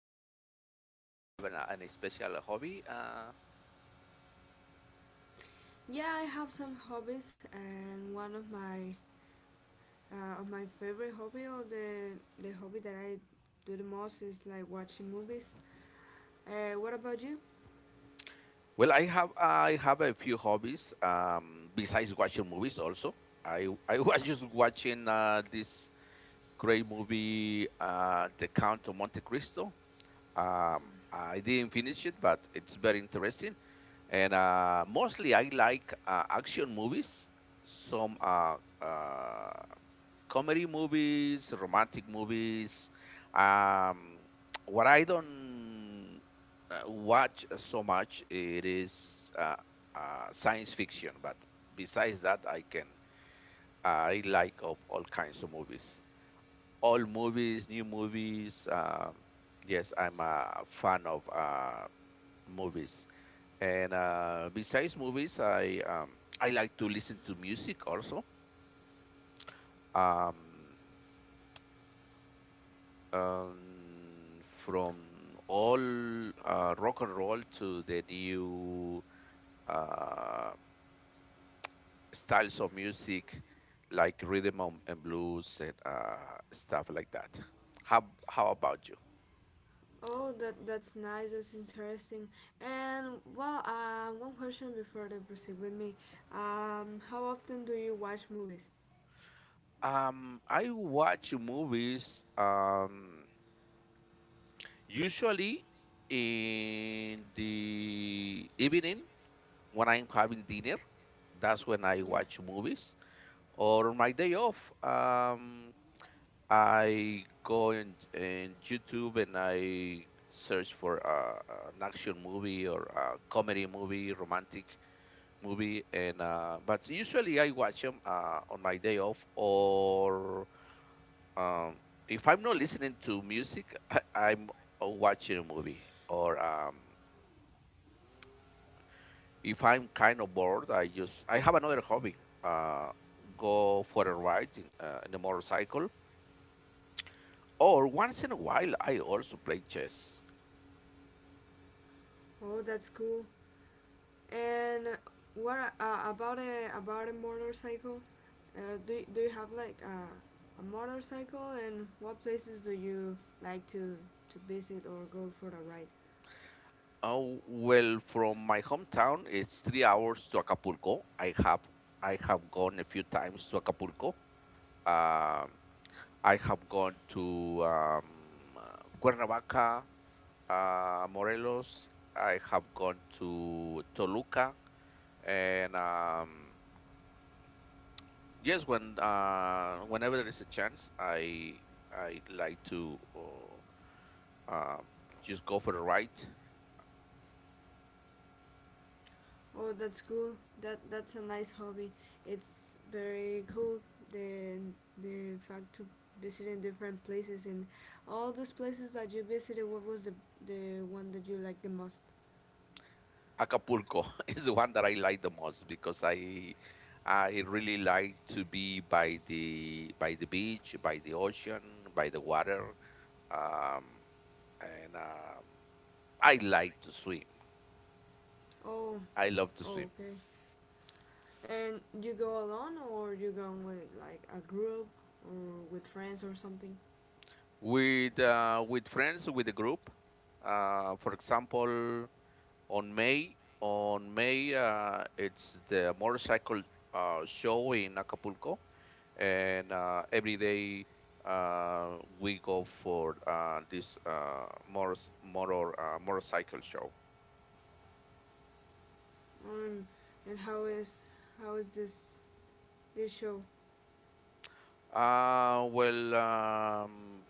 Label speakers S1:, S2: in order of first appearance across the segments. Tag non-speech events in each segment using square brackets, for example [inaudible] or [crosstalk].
S1: start? Do you have an, any special hobby?
S2: Yeah, I have some hobbies, and one of my favorite hobby or the hobby that I do the most is like watching movies. What about you?
S1: Well, I have a few hobbies besides watching movies. Also, I [laughs] was just watching this great movie, The Count of Monte Cristo. I didn't finish it, but it's very interesting. And mostly I like action movies, some comedy movies, romantic movies. Um, [tsk] what I don't watch so much it is science fiction, but besides that, I like of all kinds of movies all movies, new movies. Yes, I'm a fan of movies. And besides movies, I like to listen to music also. Um, from all rock and roll to the new uh, styles of music, like rhythm and blues and stuff like that. How about you?
S2: Oh, that's nice. That's interesting. And well, one question before they proceed with me. How often do you watch movies?
S1: I watch movies usually in the evening when I'm having dinner. That's when I
S2: Yeah.
S1: watch movies. Or on my day off, I go in YouTube and I search for an action movie or a comedy movie, romantic movie, and but usually I watch them on my day off or um, if I'm not listening to music, I'm watching a movie. Or if I'm kind of bored, I have another hobby. Uh, Go for a ride in a motorcycle. Or once in a while, I also play chess.
S2: Oh, that's cool. And what about a motorcycle? Do you have like a motorcycle? And what places do you like to visit or go for a ride?
S1: Oh, well, from my hometown, it's 3 hours to Acapulco. I have gone a few times to Acapulco. Um, I have gone to Cuernavaca, Morelos. I have gone to Toluca, and yes, when whenever there is a chance, I like to um, just go for a ride.
S2: Oh, that's cool. That's a nice hobby. It's very cool. The fact to visiting different places and all those places that you visited. What was the one that you liked the most?
S1: Acapulco [laughs] is the one that I like the most because I really like to be by the beach, by the ocean, by the water, um, and I like to swim.
S2: Oh,
S1: I love to swim.
S2: oh, okay. And you go alone, or you go with like a group, or with friends, or something?
S1: With with friends with the group. For example, on May it's the motorcycle show in Acapulco, and every day we go for this motorcycle show.
S2: Um, and how is this show?
S1: Uh, well, um,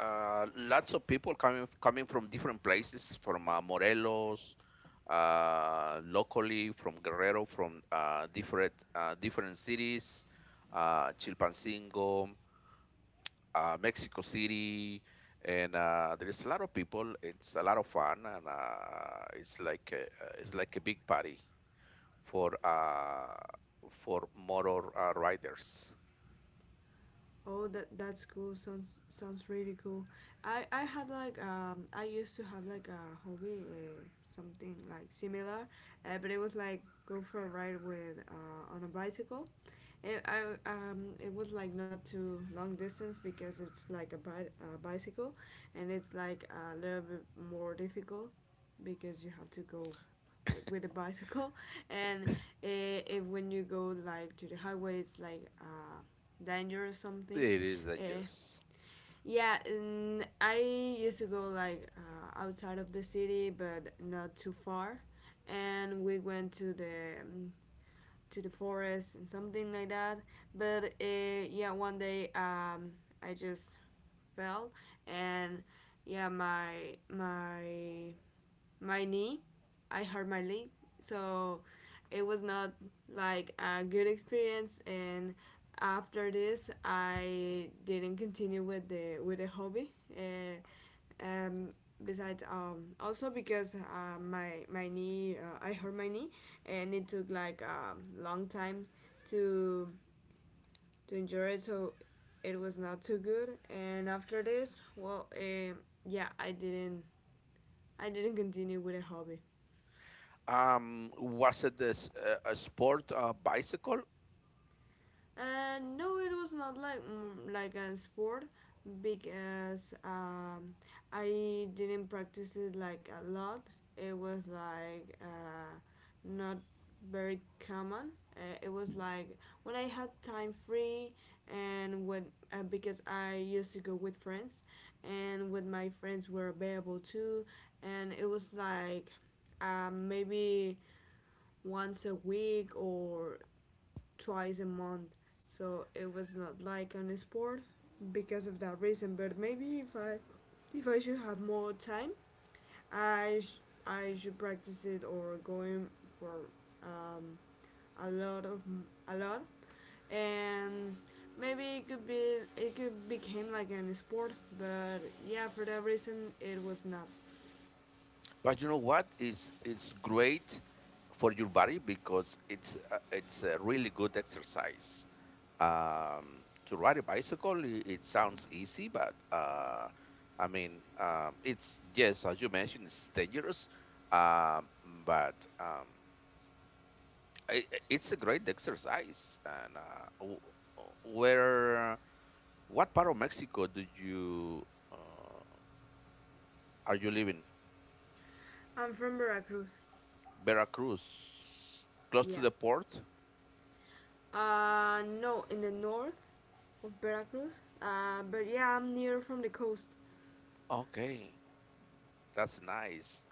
S1: Lots of people coming from different places, from Morelos, locally from Guerrero, from different cities, Chilpancingo, Mexico City, and there's a lot of people. It's a lot of fun, and it's like it's like a big party for uh, for motor riders.
S2: Oh, that's cool. Sounds really cool. I had like I used to have like a hobby, something like similar, but it was like go for a ride with on a bicycle. It I it was like not too long distance because it's like a bicycle, and it's like a little bit more difficult because you have to go like with a bicycle [laughs] and if when you go like to the highway it's like danger or something.
S1: It is
S2: Uh,
S1: dangerous.
S2: yeah, and I used to go like outside of the city, but not too far. And we went to the forest and something like that. But yeah, one day I just fell, and yeah, my my knee. I hurt my leg, so it was not like a good experience. And after this, I didn't continue with the hobby. Um, besides, also because my knee, I hurt my knee, and it took like a long time to enjoy it. So it was not too good. And after this, yeah, I didn't continue with the hobby.
S1: Was it this, a sport bicycle?
S2: And no, it was not like like a sport because I didn't practice it like a lot. It was like not very common. It was like when I had time free and when because I used to go with friends and when my friends were available too, and it was like maybe once a week or twice a month, so it was not like on a sport because of that reason. But maybe if I should have more time, I sh- I should practice it or going for um, a lot of a lot, and maybe it could became like an sport. But yeah, for that reason, it was not.
S1: But you know what is it's great for your body because it's a really good exercise. To ride a bicycle, it sounds easy, but I mean, it's yes, as you mentioned, it's dangerous, um, but um, it's a great exercise. And where, what part of Mexico do you uh, are you living?
S2: I'm from Veracruz.
S1: Veracruz, close to
S2: Yeah.
S1: the port.
S2: No, in the north of Veracruz. But yeah, I'm near from the coast.
S1: Okay, that's nice.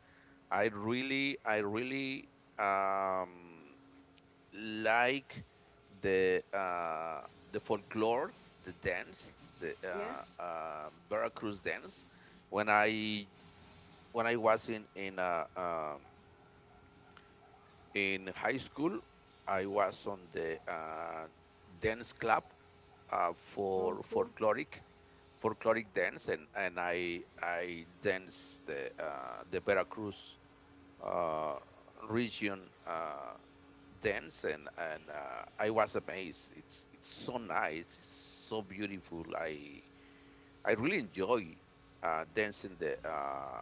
S1: I really um, like the uh, the folklore, the dance, the
S2: Yeah.
S1: Veracruz dance. When I when I was in in high school, I was on the dance club
S2: Oh,
S1: for
S2: cool.
S1: folkloric dance and I dance the Veracruz uh, region dance and I was amazed. It's so nice. It's so beautiful. I really enjoy dancing the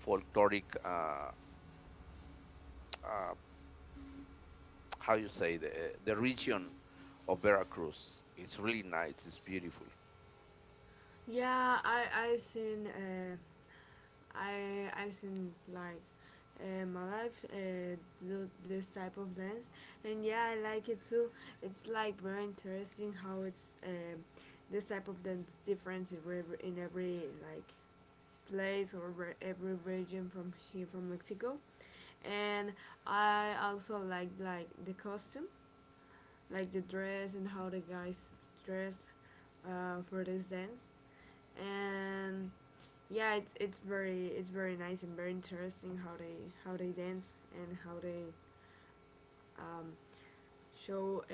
S1: folkloric uh, how you say the region of Veracruz. It's really nice. It's beautiful.
S2: Yeah, I I've seen like uh, my life uh, this type of dance, and yeah, I like it too. It's like very interesting how it's this type of dance different in every like place or every region from here from Mexico. And I also like the costume, like the dress and how the guys dress for this dance. And yeah, it's it's very nice and very interesting how they dance and how they um, show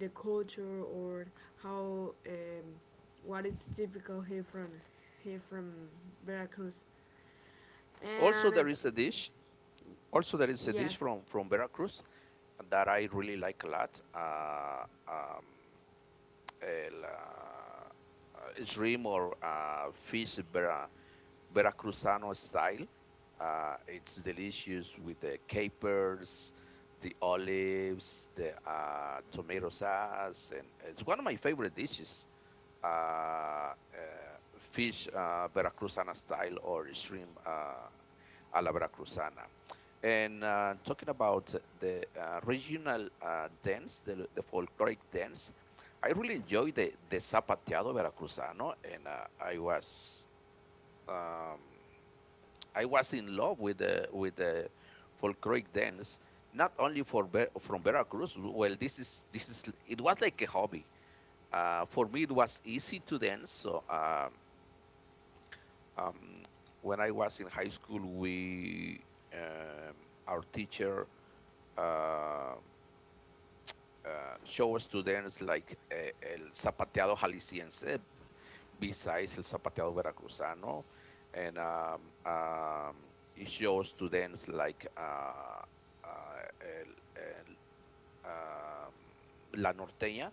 S2: the culture or how what is typical here from Veracruz.
S1: Also,
S2: And
S1: there is a dish. Also, there is a
S2: yeah.
S1: dish from Veracruz that I really like a lot. El, or Fish, bra. Veracruzano style. It's delicious with the capers, the olives, the tomato sauce, and it's one of my favorite dishes. Uh, uh, Fish Veracruzana style or shrimp a la Veracruzana. And talking about the regional dance, the folkloric dance, I really enjoy the Zapateado Veracruzano, and I was. Um, I was in love with the folkloric dance, not only for from Veracruz. Well, this is it was like a hobby. For me, it was easy to dance. So um, when I was in high school, we um, our teacher uh, uh, show us to dance like el zapateado jalisciense, besides El Zapateado Veracruzano, and it shows students like uh, el, el, um, La Norteña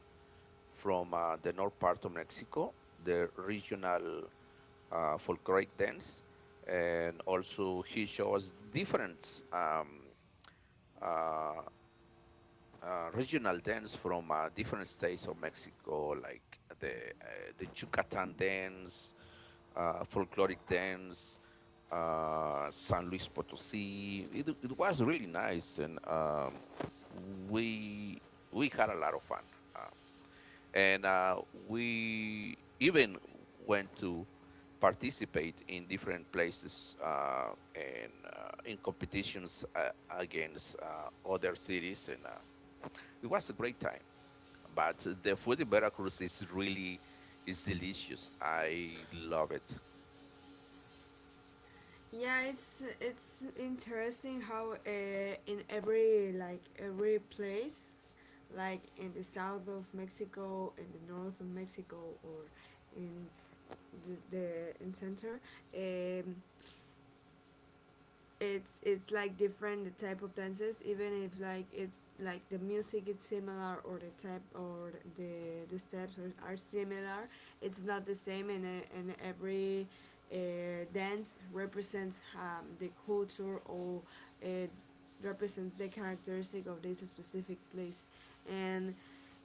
S1: from the north part of Mexico, the regional folkloric dance, and also he shows different uh, regional dance from different states of Mexico, like the Yucatan dance, folkloric dance, San Luis Potosí. It was really nice, and we we had a lot of fun. Um, and We even went to participate in different places and in competitions against other cities, and it was a great time. But the food in Veracruz is really is delicious. I love it.
S2: Yeah, it's interesting how in every every place, like in the south of Mexico, in the north of Mexico, or in the in center, um, it's like different the type of dances even if it's like the music is similar or the type or the steps are similar. It's not the same, and every uh, dance represents the culture or it represents the characteristic of this specific place, and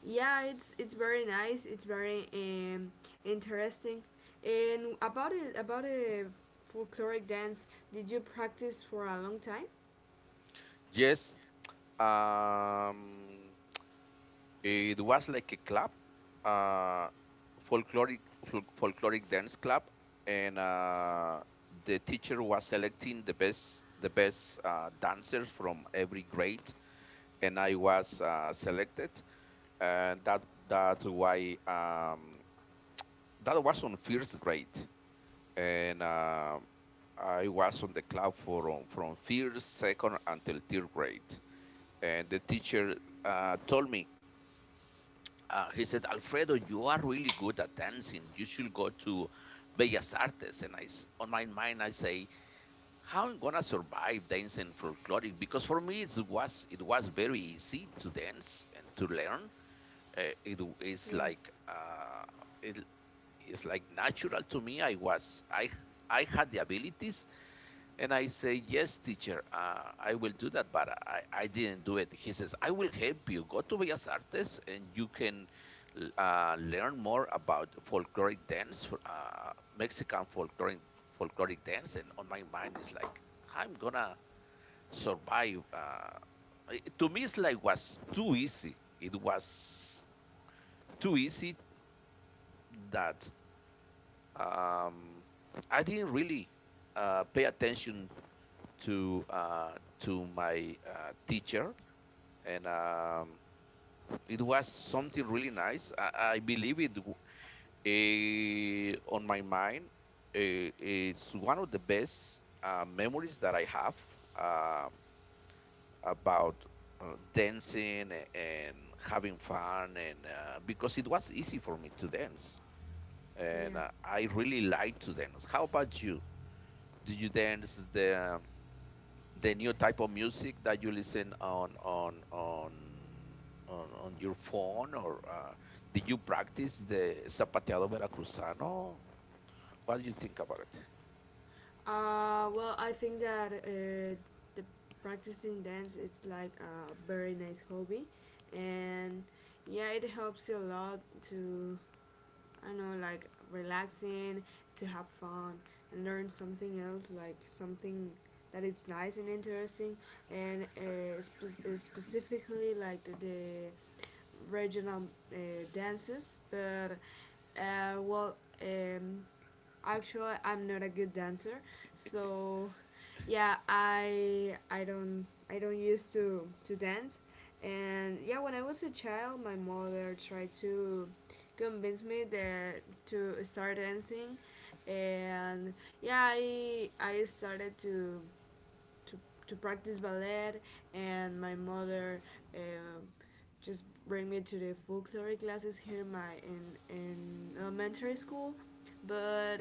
S2: yeah, it's very nice. It's very interesting. And about it about a folkloric dance, did you practice for a long time?
S1: Yes, Um, it was like a club, uh, folkloric dance club, and the teacher was selecting the best dancers from every grade, and I was selected, and that's why that was on first grade, and I was on the club for from first, second until third grade, and the teacher told me he said, Alfredo, you are really good at dancing. You should go to Bellas Artes. And on my mind, I say, how I'm gonna survive dancing folkloric? Because for me, it was very easy to dance and to learn. It is
S2: Yeah,
S1: like it is like natural to me. I I had the abilities and I say, yes, teacher, I will do that, but I didn't do it. He says, I will help you. Go to Bellas Artes and you can learn more about folkloric dance, Mexican folkloric dance. And on my mind is like, I'm gonna survive. To me, it's like it was too easy. It was too easy that um, I didn't really pay attention to uh, to my teacher, and it was something really nice. I believe it on my mind. It's one of the best memories that I have um, about dancing and having fun, and because it was easy for me to dance, and
S2: yeah.
S1: I really like to dance. How about you? Do you dance the new type of music that you listen on your phone or did you practice the zapateado veracruzano what do you think about
S2: Well, I think that the practicing dance it's like a very nice hobby, and yeah, it helps you a lot to, I know, like relaxing, to have fun, and learn something else, like something that it's nice and interesting, and specifically like the regional uh, dances. But well. Um, Actually, I'm not a good dancer, so yeah, I don't used to dance, and yeah, when I was a child, my mother tried to convince me that to start dancing, and yeah, I started to, to practice ballet, and my mother um just bring me to the folklore classes here in in elementary school, but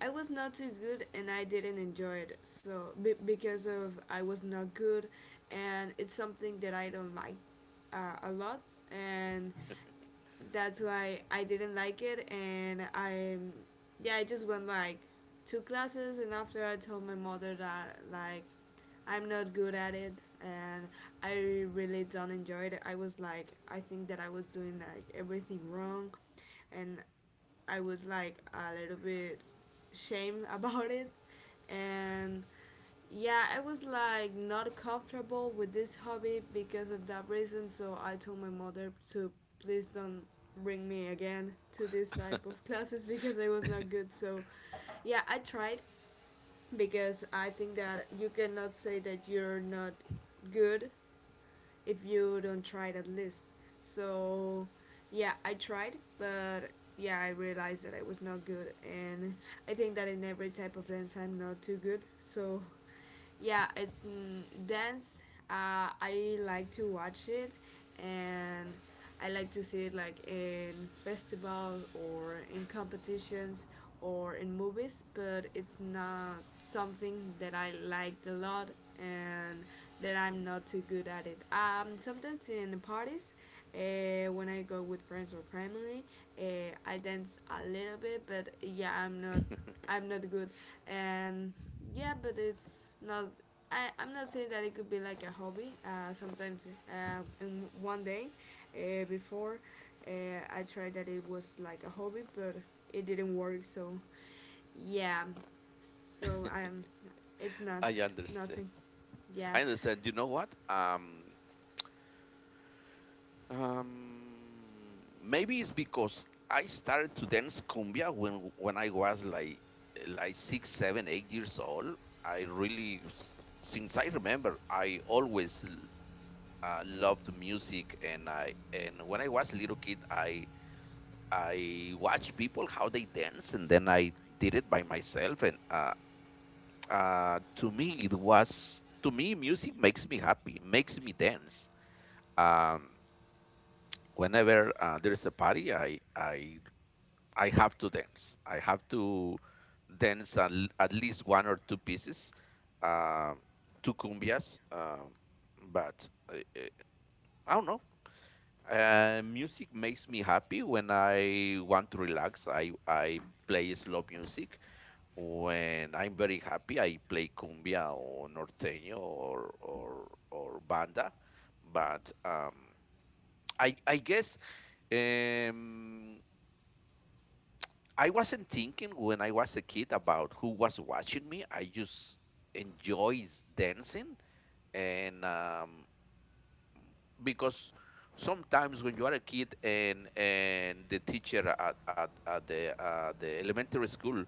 S2: I was not too good and I didn't enjoy it. So be because of I was not good, and it's something that I don't like a lot, and that's why I didn't like it, and yeah, I just went like two classes, and after I told my mother that like I'm not good at it, and I really don't enjoy it. I was like, I think that I was doing like everything wrong, and I was like a little bit shame [laughs] about it, and yeah, I was like not comfortable with this hobby because of that reason, so I told my mother to please don't bring me again to this type of [laughs] classes because I was not good. So, yeah, I tried because I think that you cannot say that you're not good if you don't try it at least. So, yeah, I tried, but yeah, I realized that I was not good, and I think that in every type of dance I'm not too good. So, yeah, it's dance. I like to watch it, and I like to see it like in festivals or in competitions or in movies. But it's not something that I liked a lot, and that I'm not too good at it. Sometimes in parties, when I go with friends or family, uh, I dance a little bit, but yeah, I'm not good. And yeah, but it's not. I'm not saying that it could be like a hobby. Sometimes, in one day, before, uh, I tried that it was like a hobby, but it didn't work. So, yeah. So
S1: it
S2: I'm.
S1: [laughs]
S2: It's not
S1: i understand
S2: nothing. Yeah.
S1: I understand. You know what? Maybe it's because I started to dance cumbia when I was like 6 7 8 years old. I really since I remember I always I loved music, and I and when I was a little kid, I watched people how they dance, and then I did it by myself. And to me, it was to me music makes me happy, makes me dance. Um, Whenever there is a party, I have to dance. I have to dance at least one or two pieces, uh, two cumbias. But I don't know. Music makes me happy when I want to relax. I play slow music. When I'm very happy, I play cumbia or norteño or banda. But I guess um, I wasn't thinking when I was a kid about who was watching me. I just enjoys dancing and because sometimes when you are a kid and the teacher at the elementary school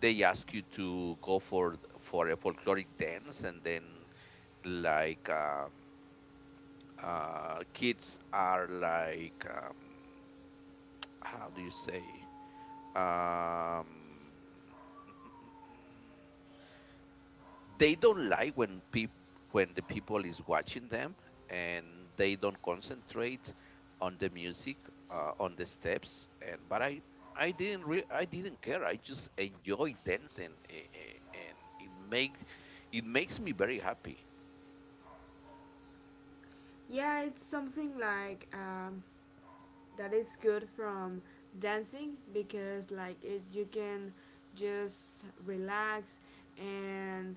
S1: they ask you to go for a folkloric dance and then like kids are like how do you say um, they don't like when people when the people is watching them and they don't concentrate on the music on the steps and but I didn't care. I just enjoy dancing and it makes me very happy.
S2: Yeah, it's something like that is good from dancing because like it, you can just relax and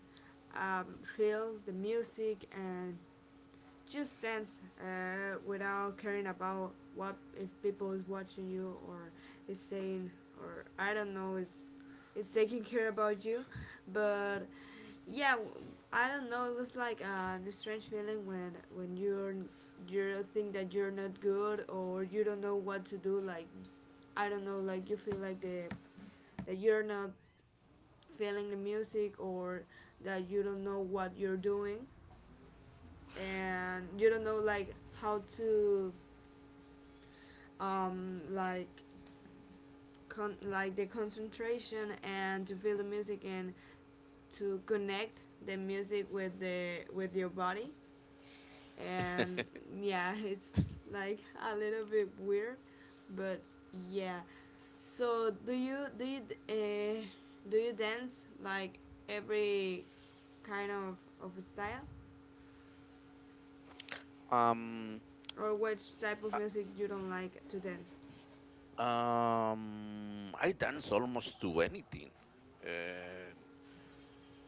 S2: feel the music and just dance without caring about what if people is watching you or is saying or I don't know is taking care about you, but yeah, I don't know. It was like a strange feeling when you're you think that you're not good or you don't know what to do. Like I don't know, like you feel like the that you're not feeling the music or that you don't know what you're doing and you don't know like how to um like like the concentration and to feel the music and to connect the music with the with your body, and yeah [laughs] it's like a little bit weird. But yeah, so uh, do you dance like every kind of style
S1: um
S2: or which type of
S1: uh,
S2: music you don't like to dance?
S1: I dance almost to anything and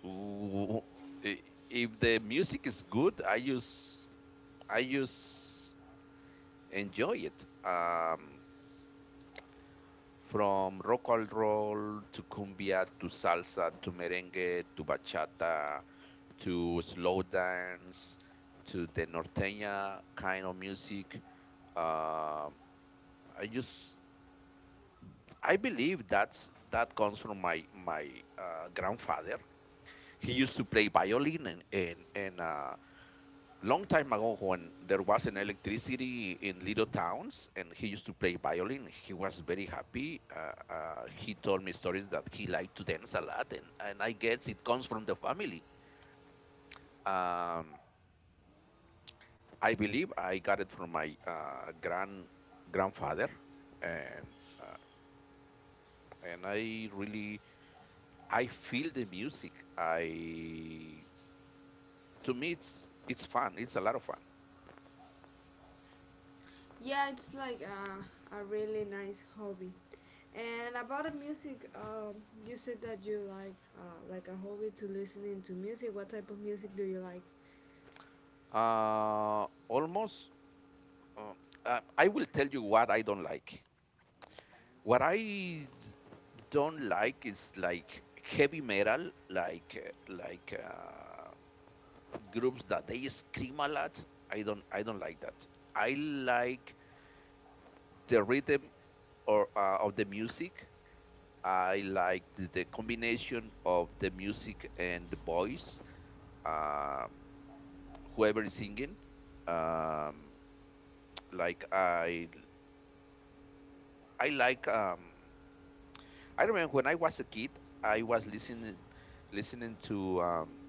S1: w- i- if the music is good I use enjoy it. From rock and roll to cumbia to salsa to merengue to bachata to slow dance to the norteña kind of music. Um, I just I believe that comes from my grandfather. He used to play violin and long time ago when there was an electricity in little towns and he used to play violin he was very happy he told me stories that he liked to dance a lot and I guess it comes from the family. um, I believe I got it from my grandfather. and uh, and I really I feel the music. I to me it's fun, it's a lot of fun.
S2: Yeah, it's like a really nice hobby. And about the music, you said that you like a hobby to listening to music. What type of music do you like?
S1: Almost Uh, I will tell you what I don't like. What I don't like is like heavy metal, like groups that they scream a lot. I don't like that. I like the rhythm or of the music. I like the combination of the music and the voice. Um, whoever is singing, um, like I like. I remember when I was a kid, I was listening to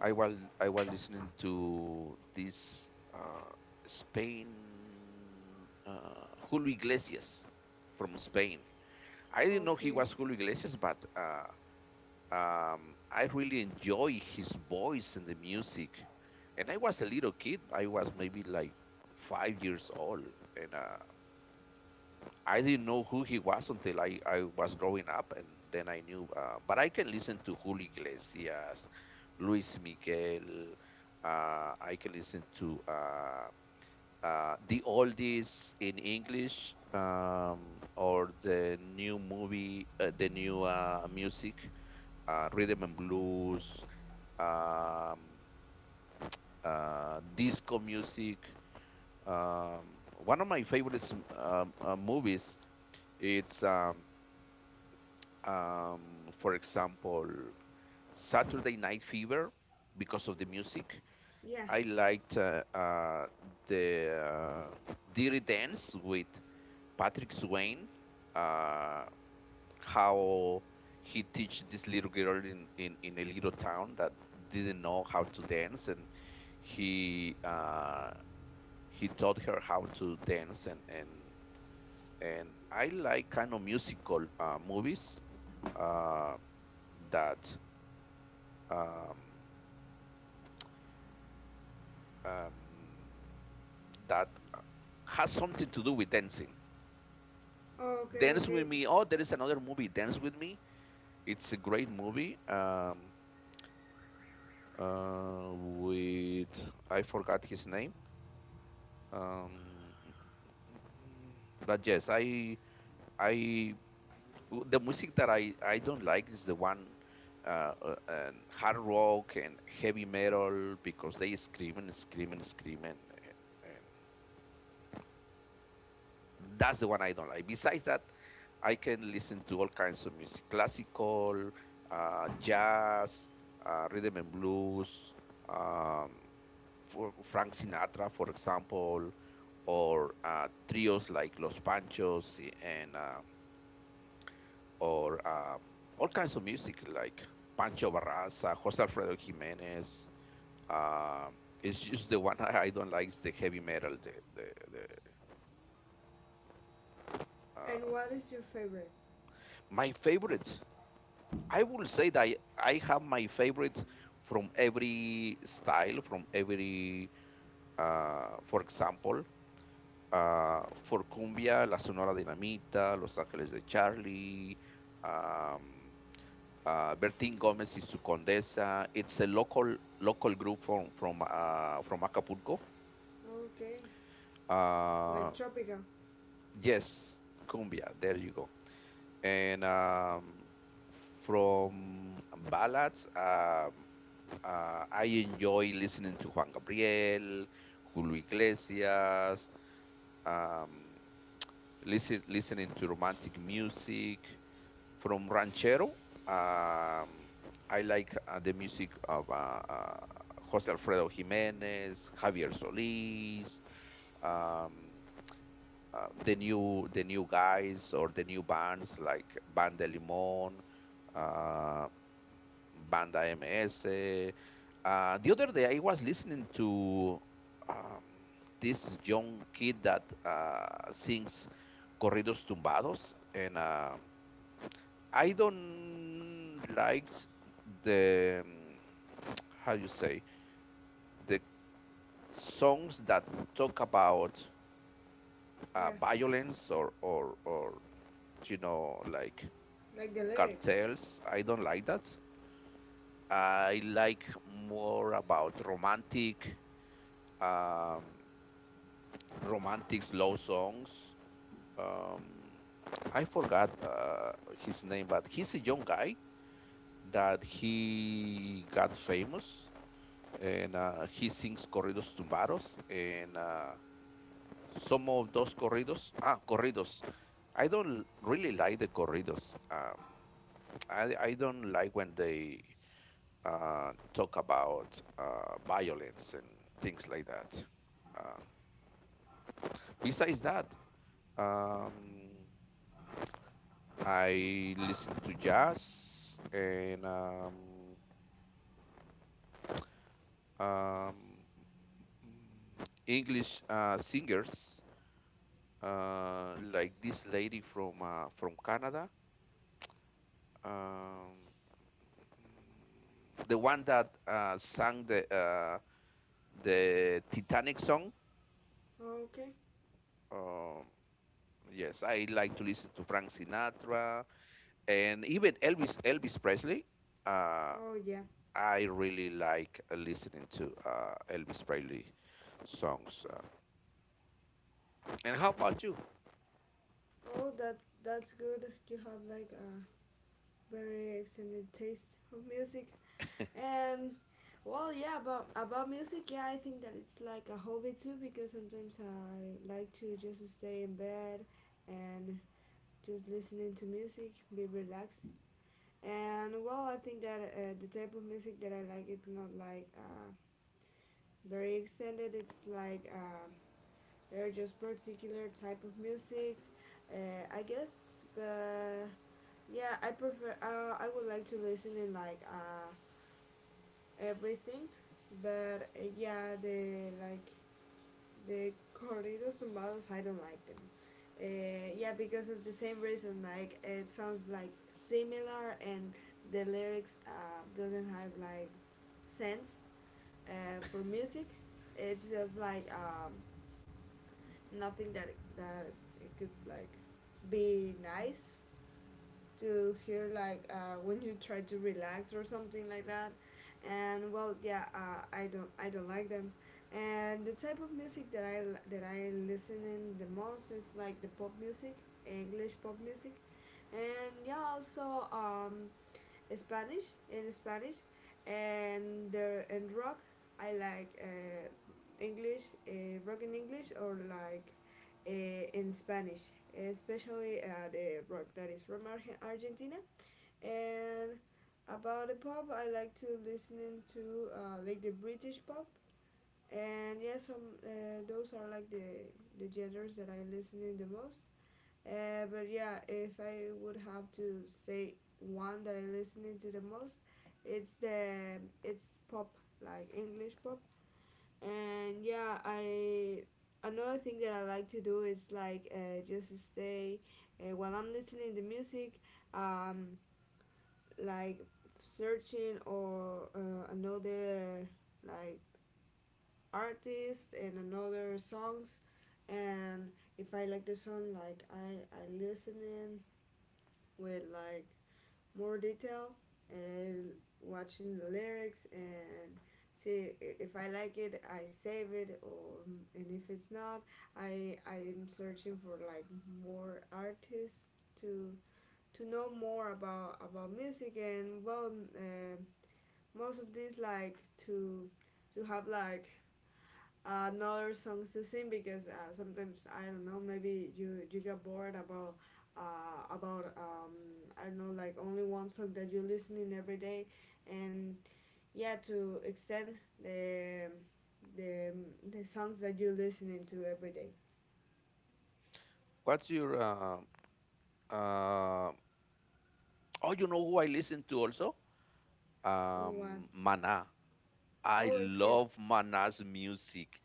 S1: I was I was listening to this Spain Julio Iglesias from Spain. I didn't know he
S2: Okay.
S1: was Julio Iglesias, but I really enjoy his voice and the music. And I was a little kid. I was maybe like 5 years old, and I didn't know who he was until I was growing up, and then I knew. But I can listen to Julio Iglesias, Luis Miguel. I can listen to the oldies in English, or the new movie, the new music, rhythm and blues, um, disco music. Um, one of my favorites movies. It's for example, Saturday Night Fever, because of the music.
S2: Yeah.
S1: I liked the Dirty Dance with Patrick Swayze. uh, how he teach this little girl in a little town that didn't know how to dance and he uh, he taught her how to dance and I like kind of musical movies uh, that um, um, that has something to do with dancing.
S2: Okay,
S1: Dance
S2: okay.
S1: with me. Oh, there is another movie, Dance with Me. It's a great movie. With I forgot his name. Um, but yes, I the music that I don't like is the one. And hard rock and heavy metal because they scream and scream and scream, and that's the one I don't like. Besides that, I can listen to all kinds of music: classical, jazz, rhythm and blues, um, for Frank Sinatra, for example, or trios like Los Panchos, and or all kinds of music like Pancho Barraza, Jose Alfredo Jimenez. Um, it's just the one I don't like is the heavy metal. The
S2: And
S1: uh,
S2: what is your favorite?
S1: my favorite, I will say that I have my favorite from every style, from every, for example, for cumbia, La Sonora Dinamita, Los Ángeles de Charlie, um, Bertín Gómez y su Condesa. It's a local group from from Acapulco.
S2: Okay. Like
S1: Uh,
S2: tropical.
S1: yes, cumbia. There you go. And from ballads. I enjoy listening to Juan Gabriel, Julio Iglesias, um, listening to romantic music from ranchero. Um, I like the music of Jose Alfredo Jimenez, Javier Solís, um, the new guys or the new bands like Banda Limón, uh, Banda MS. The other day, I was listening to um, this young kid that sings corridos tumbados, and I don't like the how you say the songs that talk about
S2: Yeah.
S1: violence, or you know like
S2: Like the lyrics.
S1: cartels. I don't like that. I like more about romantic, um, romantic slow songs. Um, I forgot his name, but he's a young guy that he got famous, and he sings corridos tumbados, and some of those corridos, ah, corridos. I don't really like the corridos. I don't like when they talk about violence and things like that. Uh, Besides that, um, I listen to jazz and um, English singers like this lady from Canada, um, the one that sang the Titanic song.
S2: Okay.
S1: Um, yes, I like to listen to Frank Sinatra and even Elvis Presley. Uh,
S2: Oh yeah.
S1: I really like listening to Elvis Presley songs. And how about you?
S2: Oh, that that's good. You have like a very excellent taste of music. And well, yeah, about music, yeah, I think that it's like a hobby too because sometimes I like to just stay in bed and just listening to music, be relaxed. And well, I think that the type of music that I like it's not like very extended. It's like they're just particular type of music, I guess. But yeah, I prefer. I would like to listen in like. Everything but yeah the like the corridos tumbados I don't like them. Yeah, because of the same reason, like it sounds like similar and the lyrics doesn't have like sense uh, for music. It's just like nothing that that it could like be nice to hear like when you try to relax or something like that. And well, yeah, I don't like them. And the type of music that that I listen in the most is like the pop music, English pop music, and yeah, also Spanish in Spanish, and and rock. I like English, rock in English or like in Spanish, especially the rock that is from Argentina. And about the pop, I like to listening to like the British pop. And yes, yeah, some those are like the genres that I listen in the most. But yeah, if I would have to say one that I listen to the most, it's pop, like English pop. And yeah, I another thing that I like to do is like just stay while I'm listening to music, um, like searching or another like artists and another songs and if I like the song like I listening with like more detail and watching the lyrics and see if I like it, I save it, or and if it's not, I'm searching for like more artists to to know more about music and well, um most of these like to to have like another songs to sing because sometimes I don't know maybe you get bored about uh, about um, I don't know like only one song that you're listening every day and yeah to extend the the the songs that you're listening to every day.
S1: What's your uh, oh, you know who I listen to also?
S2: What?
S1: Mana. I
S2: Oh, it's good.
S1: love Mana's music.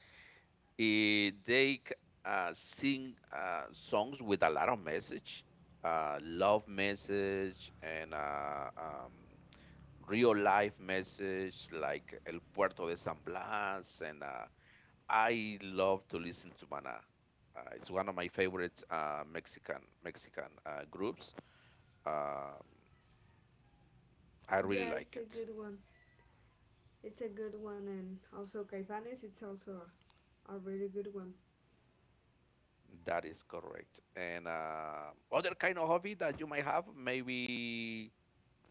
S1: Eh, they c- sing songs with a lot of message, love message, and real life message like El Puerto de San Blas. And. I love to listen to Maná. It's one of my favorite Mexican groups. Um, I really
S2: Yeah,
S1: like
S2: it's a
S1: it.
S2: good one, it's a good one, and also Caifanes it's also a really good one.
S1: That is correct. And other kind of hobby that you might have, maybe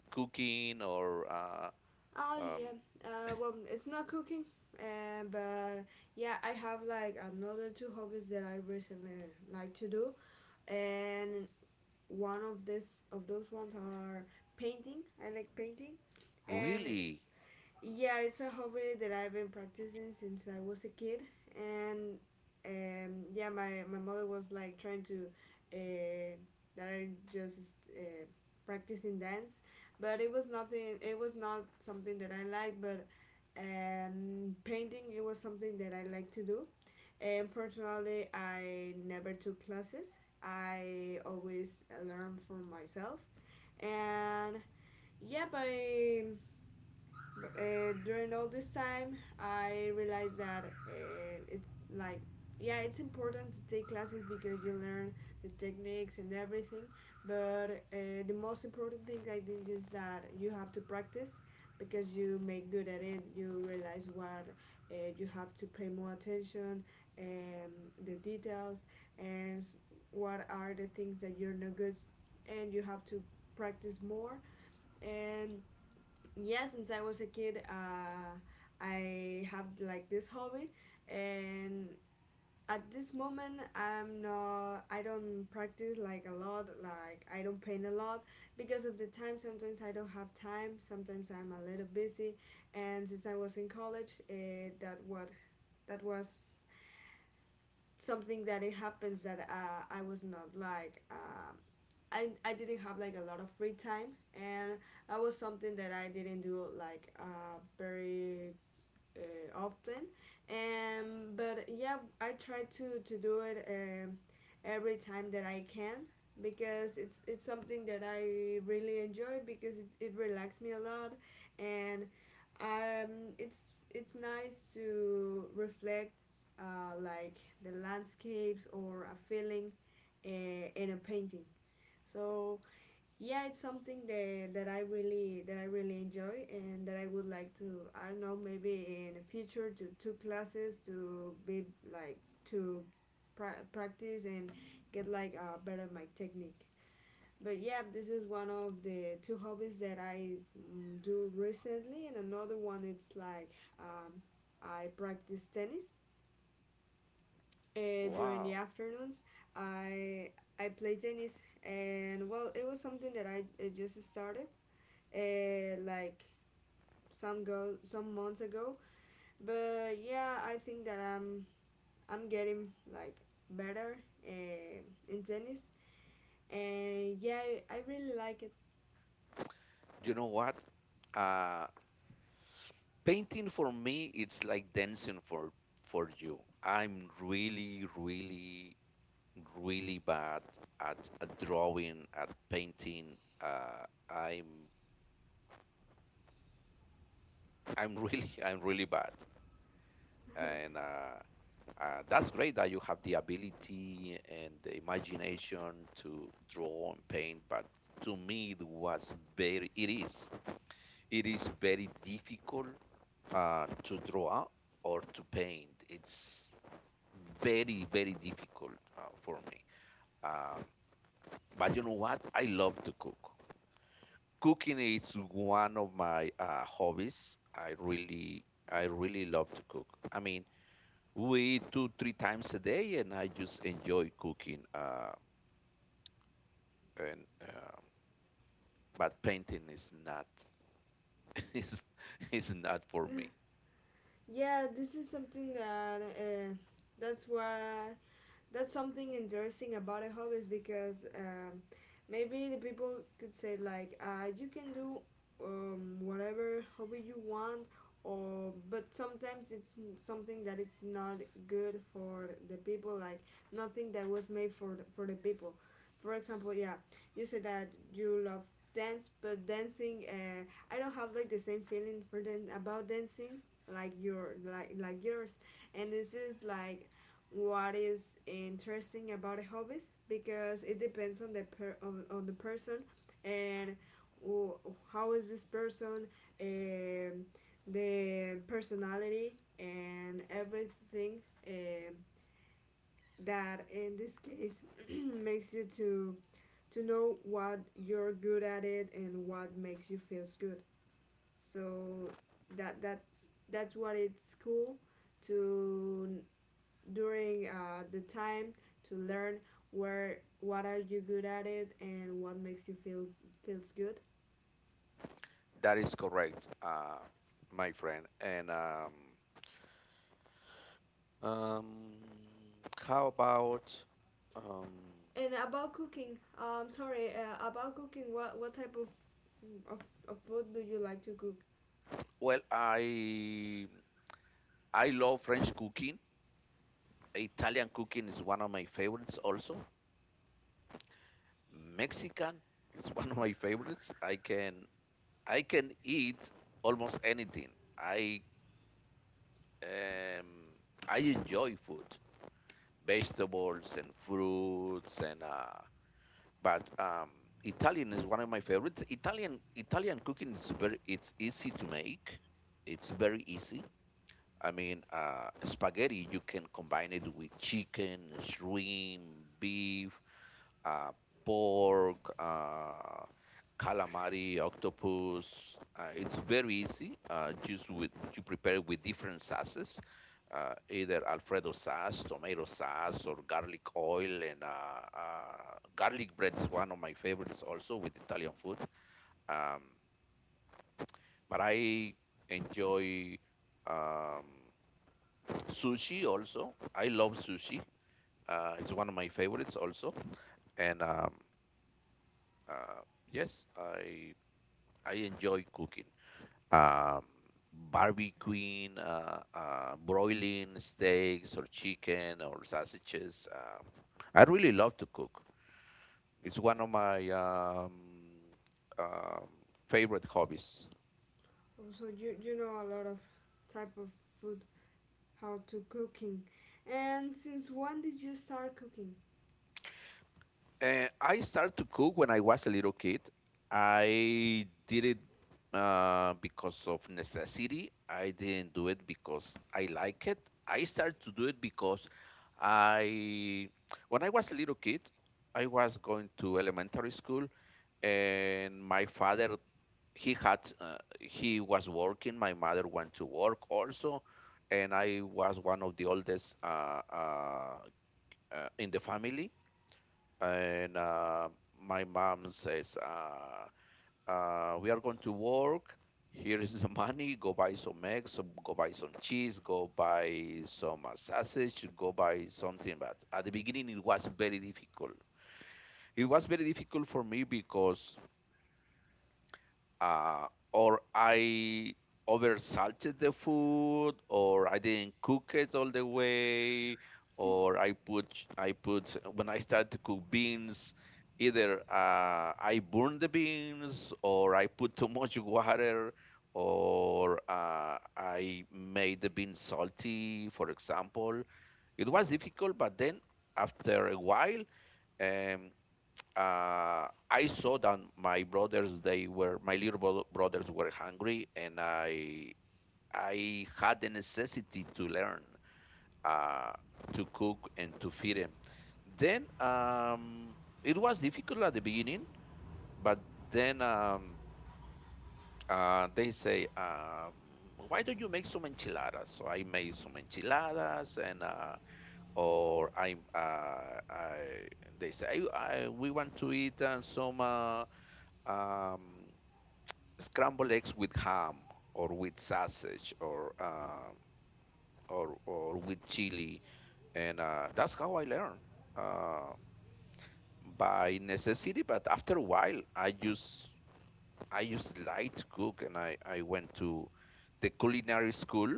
S1: cooking or
S2: Oh yeah.
S1: um,
S2: Well, it's not cooking, but yeah, I have like another two hobbies that I recently like to do, and one of those ones are painting. I like painting, and
S1: really,
S2: yeah, it's a hobby that I've been practicing since I was a kid, and yeah, my mother was like trying to uh, that I just uh, practicing dance, but it was nothing. It was not something that I liked, but painting it was something that I like to do. Unfortunately, I never took classes. I always learned from myself, and yeah, by during all this time I realized that it's like yeah it's important to take classes because you learn the techniques and everything but the most important thing I think is that you have to practice because you make good at it you realize what you have to pay more attention um, the details and what are the things that you're not good and you have to practice more and yeah since I was a kid I have like this hobby and at this moment I don't practice like a lot like I don't paint a lot because of the time sometimes I don't have time sometimes I'm a little busy and since I was in college it that what that was something that it happens that I was not like I didn't have like a lot of free time and that was something that I didn't do like very often and but yeah I try to do it every time that I can because it's something that I really enjoy because it relaxed me a lot and um, it's it's nice to reflect like the landscapes or a feeling in a painting so yeah, it's something that that I really enjoy and that I would like to I don't know maybe in the future to two classes to be like to practice and get like better my technique. But yeah, this is one of the two hobbies that I do recently, and another one it's like um, I practice tennis during the
S1: wow.
S2: afternoons. I I play tennis, and well, it was something that I just started like some months ago. But yeah, I think that I'm getting like better uh, in tennis, and yeah, I really like it.
S1: You know what? Uh, Painting for me, it's like dancing for you. I'm really, really really bad at drawing, at painting. I'm really [laughs] I'm really bad, and that's great that you have the ability and the imagination to draw and paint. But to me, it is it is very difficult to draw or to paint. It's very very difficult for me. Um, but you know what? I love to cook. Cooking is one of my hobbies. I really love to cook. I mean, we eat two, three times a day, and I just enjoy cooking. And But painting is not, [laughs] is is not for me.
S2: [laughs] Yeah, this is something that that's what that's something interesting about a hobby is because maybe the people could say like you can do whatever hobby you want or but sometimes it's something that it's not good for the people like nothing that was made for for the people for example yeah you say that you love dance but dancing I don't have like the same feeling for dan- about dancing like your like yours and this is like what is interesting about hobbies because it depends on the on the person and wh- how is this person um the personality and everything um that in this case [clears throat] makes you to know what you're good at it and what makes you feels good so that that's that's what it's cool to during the time to learn where what are you good at it and what makes you feels good.
S1: That is correct, my friend. And um, how about um,
S2: And about cooking, sorry, about cooking, what what type of of food do you like to cook?
S1: well, I love French cooking. Italian cooking is one of my favorites also. Mexican is [laughs] one of my favorites. I can eat almost anything. Um I enjoy food, vegetables and fruits and but Italian is one of my favorites. Italian cooking is very it's easy to make. It's very easy. I mean, spaghetti, you can combine it with chicken, shrimp, beef, uh, pork, calamari, octopus. It's very easy. Just with you prepare with different sauces, either Alfredo sauce, tomato sauce, or garlic oil, and garlic bread is one of my favorites also with Italian food. Um, but I enjoy um, sushi also. I love sushi. It's one of my favorites also, and uh, yes, I enjoy cooking. Um, Barbecuing, broiling steaks or chicken or sausages. I really love to cook. It's one of my um, favorite hobbies.
S2: So you know a lot of type of food, how to cooking, and since when did you start cooking?
S1: And I started to cook when I was a little kid. I did it because of necessity. I didn't do it because I like it. I started to do it because I, when I was a little kid, I was going to elementary school, and my father he was working. My mother went to work also, and I was one of the oldest in the family, and my mom says, "We are going to work. Here is the money. Go buy some eggs. Some, go buy some cheese. Go buy some sausage. Go buy something." But at the beginning, it was very difficult. It was very difficult for me because uh, or I oversalted the food, or I didn't cook it all the way, or I put when I start to cook beans, either I burn the beans, or I put too much water, or I made the beans salty, for example. It was difficult, but then after a while, um, I saw that my brothers, they were, my little brothers were hungry, and I had the necessity to learn uh, to cook and to feed them. Then it was difficult at the beginning, but then they say, why don't you make some enchiladas? So I made some enchiladas, and or I, uh, I, they say, we want to eat some. Um, scrambled eggs with ham or with sausage or or with chili, and that's how I learned uh, by necessity. But after a while, I just like to cook, and I went to the culinary school.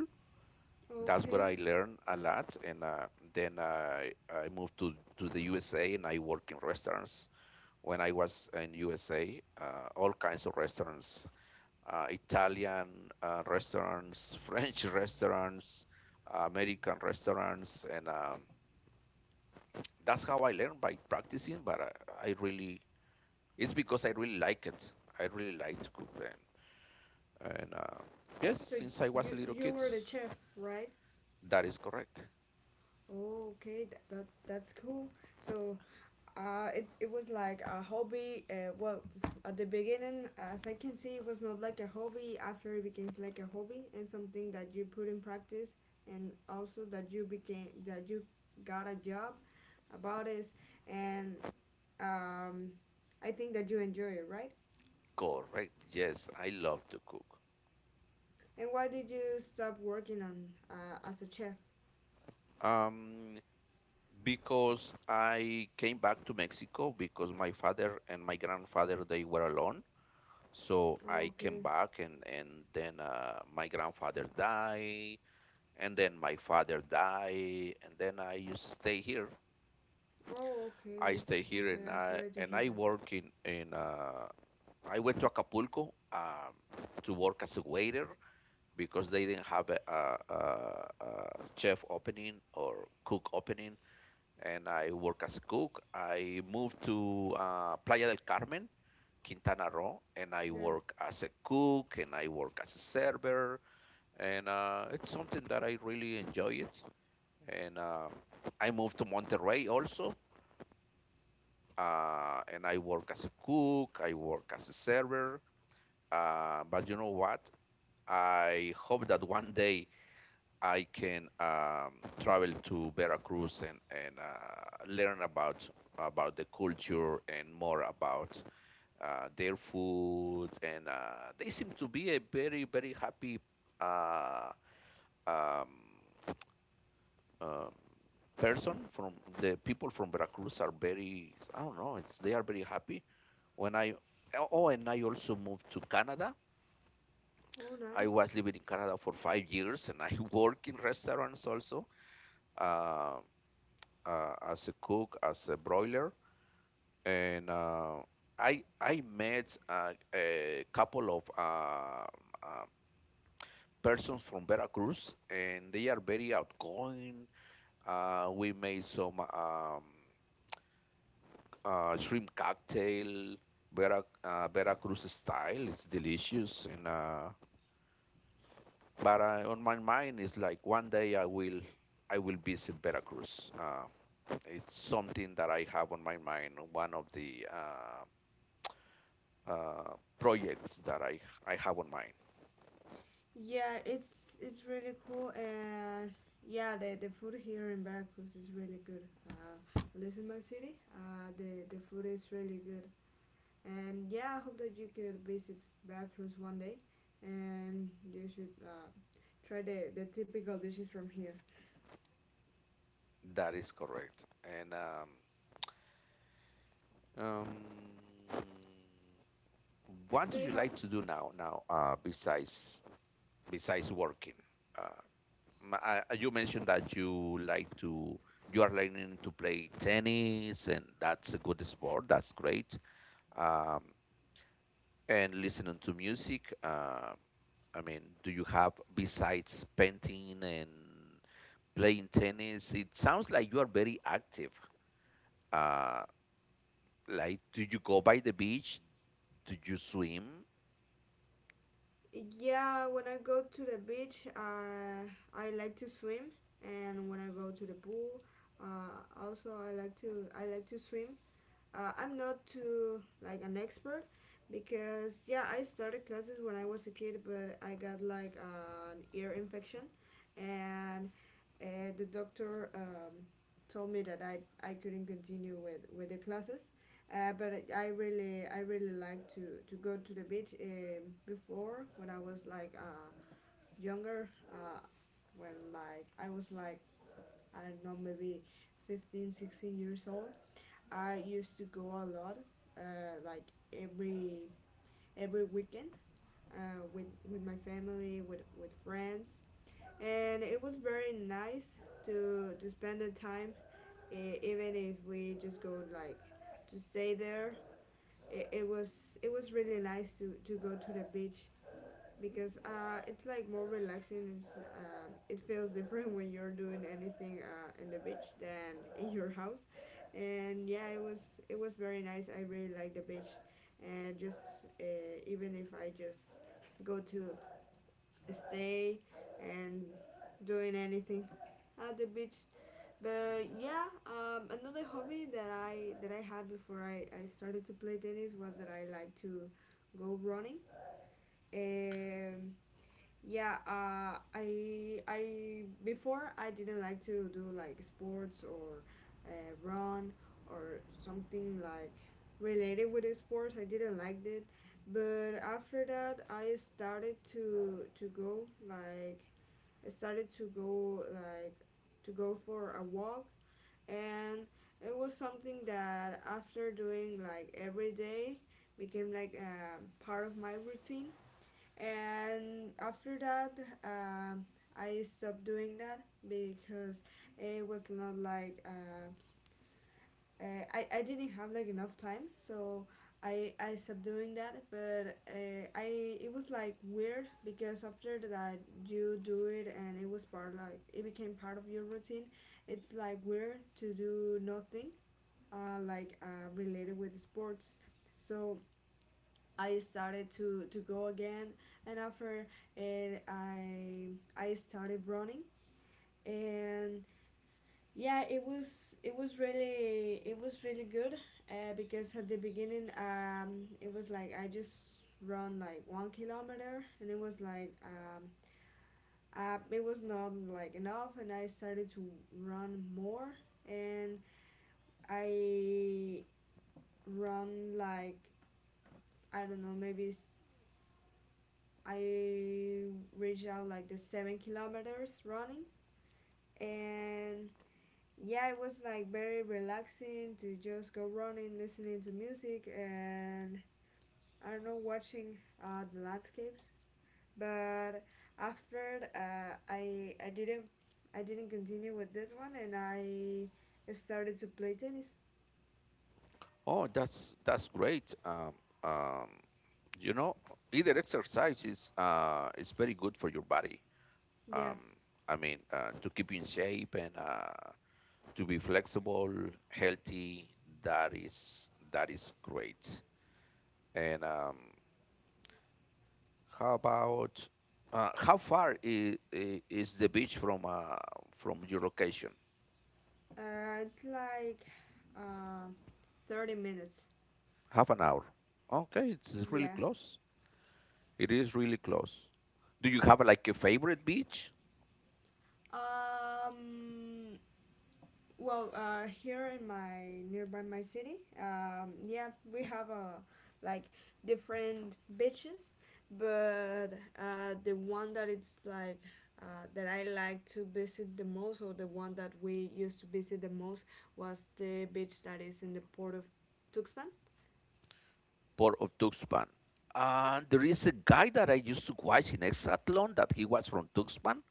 S1: That's where
S2: Okay,
S1: I learned a lot, and then I moved to the USA, and I work in restaurants. When I was in USA, all kinds of restaurants, Italian restaurants, [laughs] French restaurants, American restaurants, and that's how I learned by practicing. But I really, it's because I really like it. I really like to cook then. And yes,
S2: so
S1: since I was a
S2: you
S1: little
S2: you
S1: kid,
S2: were the chef, right?
S1: that is correct.
S2: Okay, that's cool. So it was like a hobby. Well, at the beginning, as I can see, it was not like a hobby. After it became like a hobby and something that you put in practice, and also that you got a job about it, and um, I think that you enjoy it, right?
S1: Correct. Yes, I love to cook.
S2: And why did you stop working on as a chef?
S1: Um, because I came back to Mexico because my father and my grandfather, they were alone. So
S2: Oh,
S1: I came
S2: okay.
S1: back and then my grandfather died, and then my father died, and then I used to stay here.
S2: Oh,
S1: I
S2: okay.
S1: stay here
S2: Okay.
S1: and
S2: I'm sorry
S1: I
S2: to hear
S1: and I
S2: that.
S1: work in in. I went to Acapulco to work as a waiter because they didn't have a chef opening or cook opening, and I work as a cook. I moved to Playa del Carmen, Quintana Roo, and I
S2: Yeah.
S1: work as a cook and I work as a server, and it's something that I really enjoy it. And I moved to Monterrey also, and I work as a cook. I work as a server. But you know what? I hope that one day I can travel to Veracruz and learn about the culture and more about their food. And they seem to be a very very happy uh, um, um, person. From the people from Veracruz are very, I don't know, it's they are very happy. When I Oh, and I also moved to Canada.
S2: Oh,
S1: I
S2: nice.
S1: was living in Canada for 5 years and I [laughs] work in restaurants also. Um as a cook, as a broiler, and I met a couple of uh, persons from Veracruz, and they are very outgoing. We made some shrimp cocktail, Veracruz style. It's delicious, and but on my mind is like one day I will. I will visit Veracruz. It's something that I have on my mind. One of the projects that I have on mind.
S2: Yeah, it's really cool, and yeah, the food here in Veracruz is really good. Uh, at least in my city, the food is really good, and yeah, I hope that you could visit Veracruz one day, and you should try the typical dishes from here.
S1: That is correct. And um, what do
S2: Do you
S1: you
S2: have?
S1: like to do now? Now, besides besides working, uh, you mentioned that you like to you are learning to play tennis, and that's a good sport. That's great. Um, and listening to music. I mean, do you have besides painting and playing tennis. It sounds like you are very active. Uh, like, do you go by the beach? Do you swim?
S2: Yeah, when I go to the beach, I like to swim, and when I go to the pool, also I like to swim I'm not too like an expert because yeah, I started classes when I was a kid, but I got like an ear infection, and the doctor told me that I couldn't continue with the classes. But I really I really like to go to the beach before when I was like younger when like I was like I don't know maybe 15, 16 years old I used to go a lot, uh, like every every weekend, with my family, with friends, and it was very nice to spend the time, even if we just go like to stay there. It was really nice to go to the beach because it's like more relaxing. It feels different when you're doing anything in the beach than in your house, and yeah, it was very nice. I really like the beach, and just even if I just go to stay and doing anything at the beach. But yeah, another hobby that I had before I started to play tennis was that I like to go running. Um, yeah, I before I didn't like to do like sports or uh, run or something like related with the sports. I didn't like it, but after that I started to go like I started to go like to go for a walk, and it was something that after doing like every day became like a part of my routine and after that um, I stopped doing that because it was not like I didn't have like enough time so I stopped doing that but I it was like weird because after that you do it and it was part like it became part of your routine it's like weird to do nothing related with sports so I started to go again, and after it, I started running, and yeah, it was really good because at the beginning it was like I just run like 1 kilometer, and it was like it was not like enough, and I started to run more, and I run like I don't know maybe I reached out like the 7 kilometers running, and yeah, it was like very relaxing to just go running, listening to music, and I don't know, watching the landscapes. But after uh, I didn't I didn't continue with this one, and I started to play tennis.
S1: Oh, that's great. Um, you know, either exercise is very good for your body.
S2: Yeah,
S1: Um, I mean, to keep in shape and to be flexible, healthy. That is great. And how about how far is the beach from your location?
S2: it's like um, 30 minutes.
S1: Half an hour. Okay, it's really
S2: Yeah.
S1: close. It is really close. Do you have like a favorite beach?
S2: Um, well, here in my nearby my city, yeah, we have like different beaches, but the one that it's like that I like to visit the most, or the one that we used to visit the most, was the beach that is in the port of Tuxpan.
S1: Port of Tuxpan. And there is a guy that I used to watch in Exatlon that he was from Tuxpan.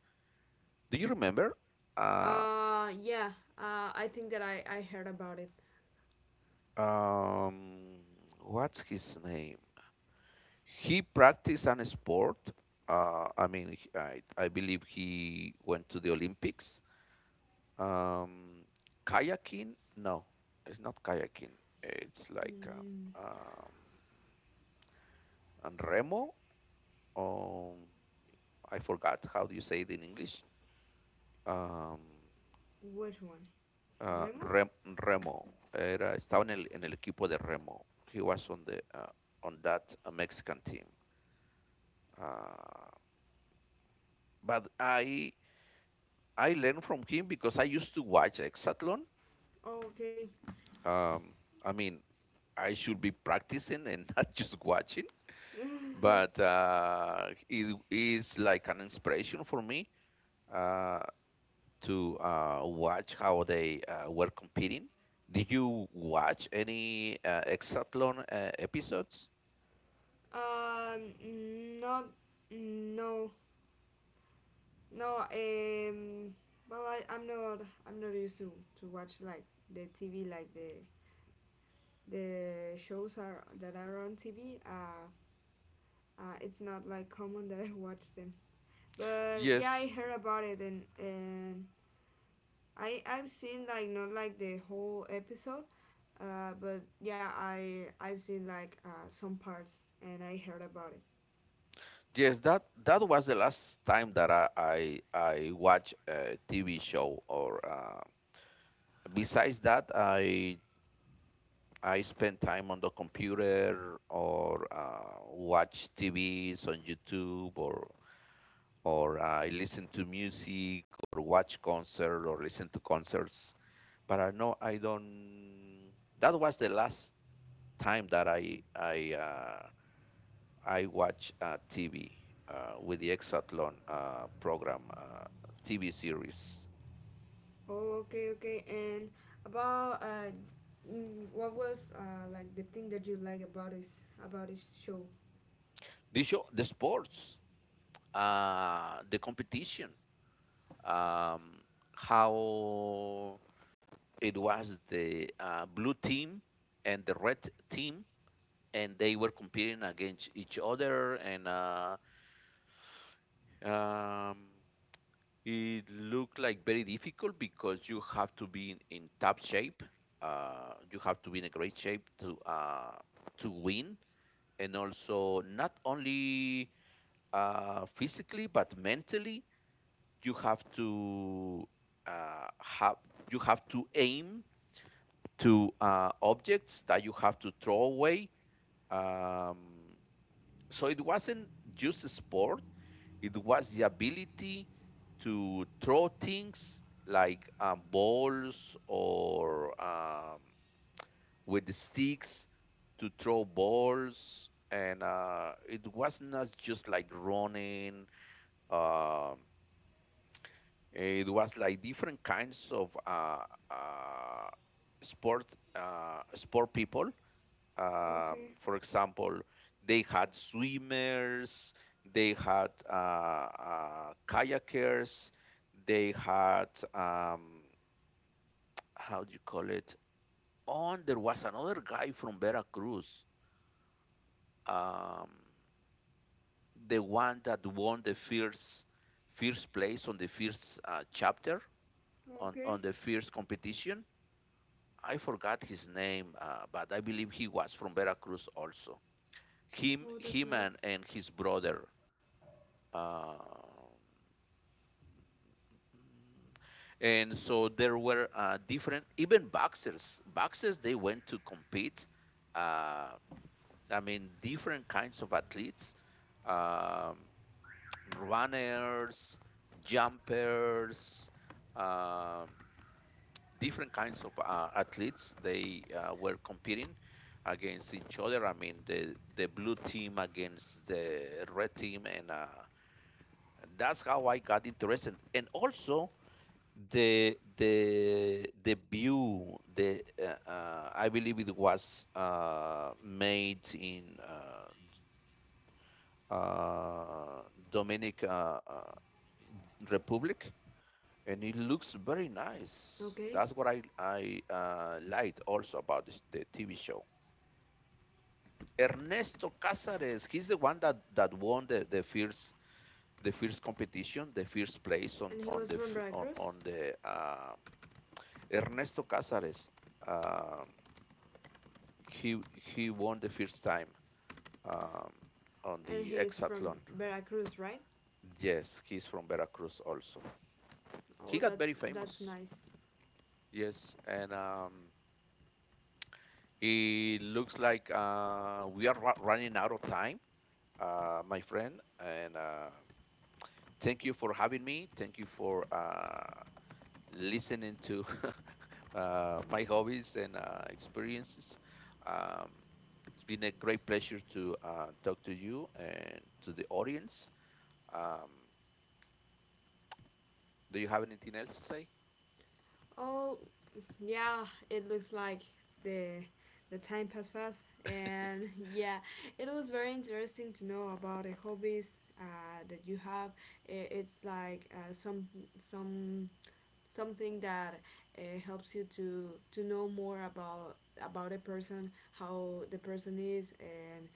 S1: Do you remember? Uh,
S2: Yeah, I think that I heard about it.
S1: um, what's his name? He practiced an sport. I mean, I believe he went to the Olympics. Um, Kayaking? No, it's not kayaking. It's like
S2: Mm,
S1: um, and remo. Um, I forgot how do you say it in English. Um,
S2: which one?
S1: uh,
S2: Remo?
S1: rem, Remo. Era, estaba en el equipo de remo. He was on the on that Mexican team. Uh, but I learned from him because I used to watch hexathlon.
S2: Oh, okay.
S1: Um, I mean, I should be practicing and [laughs] not just watching.
S2: [laughs]
S1: But it is like an inspiration for me uh, to watch how they were competing. Did you watch any Exatlon episodes?
S2: Um, not, no, no. Well, I'm not used to watch like the TV, like the shows are that are on TV. It's not like common that I watch them. But yeah, I
S1: Yes,
S2: heard about it and I've seen like not like the whole episode, but yeah, I I've seen like some parts and I heard about it.
S1: yes. That that was the last time that I watched a TV show. Or besides that, I spend time on the computer or watch TVs on YouTube or I listen to music or watch concert or listen to concerts. But I know I don't. That was the last time that I I watch TV with the Exathlon program TV series.
S2: Oh, okay, okay. And about what was like the thing that you like about this show?
S1: The show, the sports, the competition, um, how it was the blue team and the red team, and they were competing against each other, and um, it looked like very difficult because you have to be in top shape. You have to be in a great shape to win, and also not only physically but mentally you have to have you have to aim to objects that you have to throw away. um, so it wasn't just a sport. It was the ability to throw things like balls or with the sticks to throw balls. And it was not just like running. um it was like different kinds of uh, sport sport people.
S2: Okay,
S1: For example, they had swimmers, they had kayakers, they had um, how do you call it? Oh, there was another guy from Veracruz, um, the one that won the first place on the first chapter, on
S2: okay.
S1: the first competition. I forgot his name, but I believe he was from Veracruz also. Him,
S2: Oh, that's
S1: him, and,
S2: nice.
S1: and his brother. Um, and so there were different, even boxers. Boxers, they went to compete. Uh, I mean, different kinds of athletes, um, runners, jumpers, um different kinds of athletes. They were competing against each other. I mean, the blue team against the red team, and that's how I got interested. And also, the view the I believe it was made in uh, Dominic Republic, and it looks very
S2: Okay.
S1: nice. That's what I liked also about this, the TV show. Ernesto Cázares, he's the one that won the first competition, the first
S2: And
S1: place
S2: he was
S1: on
S2: from
S1: the f-
S2: Veracruz,
S1: on the Ernesto Cázares. Uh, he won the first time um, on
S2: and he
S1: the
S2: is from
S1: hexathlon.
S2: Veracruz, right?
S1: Yes, he's from Veracruz also.
S2: Oh,
S1: He got very
S2: that's
S1: famous.
S2: nice.
S1: Yes, and it looks like we are running out of time, my friend. And thank you for having me. Thank you for listening to [laughs] my hobbies and experiences. Um, it's been a great pleasure to talk to you and to the audience. Um, do you have anything else to say?
S2: Oh, yeah. It looks like the the time passed fast, and [laughs] yeah, it was very interesting to know about the hobbies that you have. It's like some something that helps you to know more about a person, how the person is,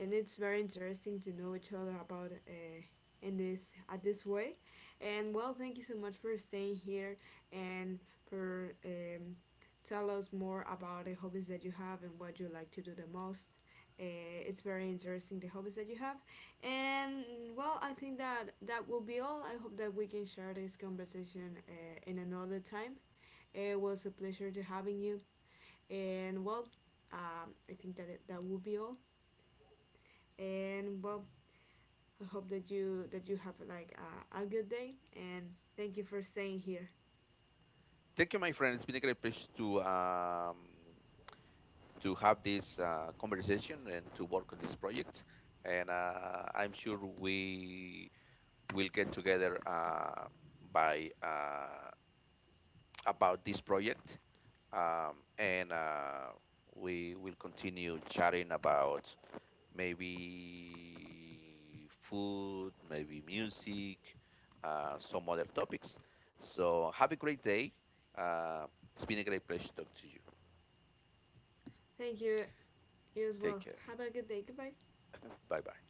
S2: and it's very interesting to know each other about in this at this way and well thank you so much for staying here and for tell us more about the hobbies that you have and what you like to do the most uh, it's very interesting the hobbies that you have and well I think that that will be all I hope that we can share this conversation in another time it was a pleasure to having you and well I think that will be all and well I hope that you have like a good day and thank you for staying here.
S1: Thank you, my friend. It's been a great pleasure to have this conversation and to work on this project. And I'm sure we will get together by about this project, and we will continue chatting about maybe food, maybe music, some other topics. So have a great day. Uh, it's been a great pleasure to talk to you.
S2: Thank you, you as
S1: Take
S2: well.
S1: care.
S2: Have a good day. Goodbye.
S1: Bye bye.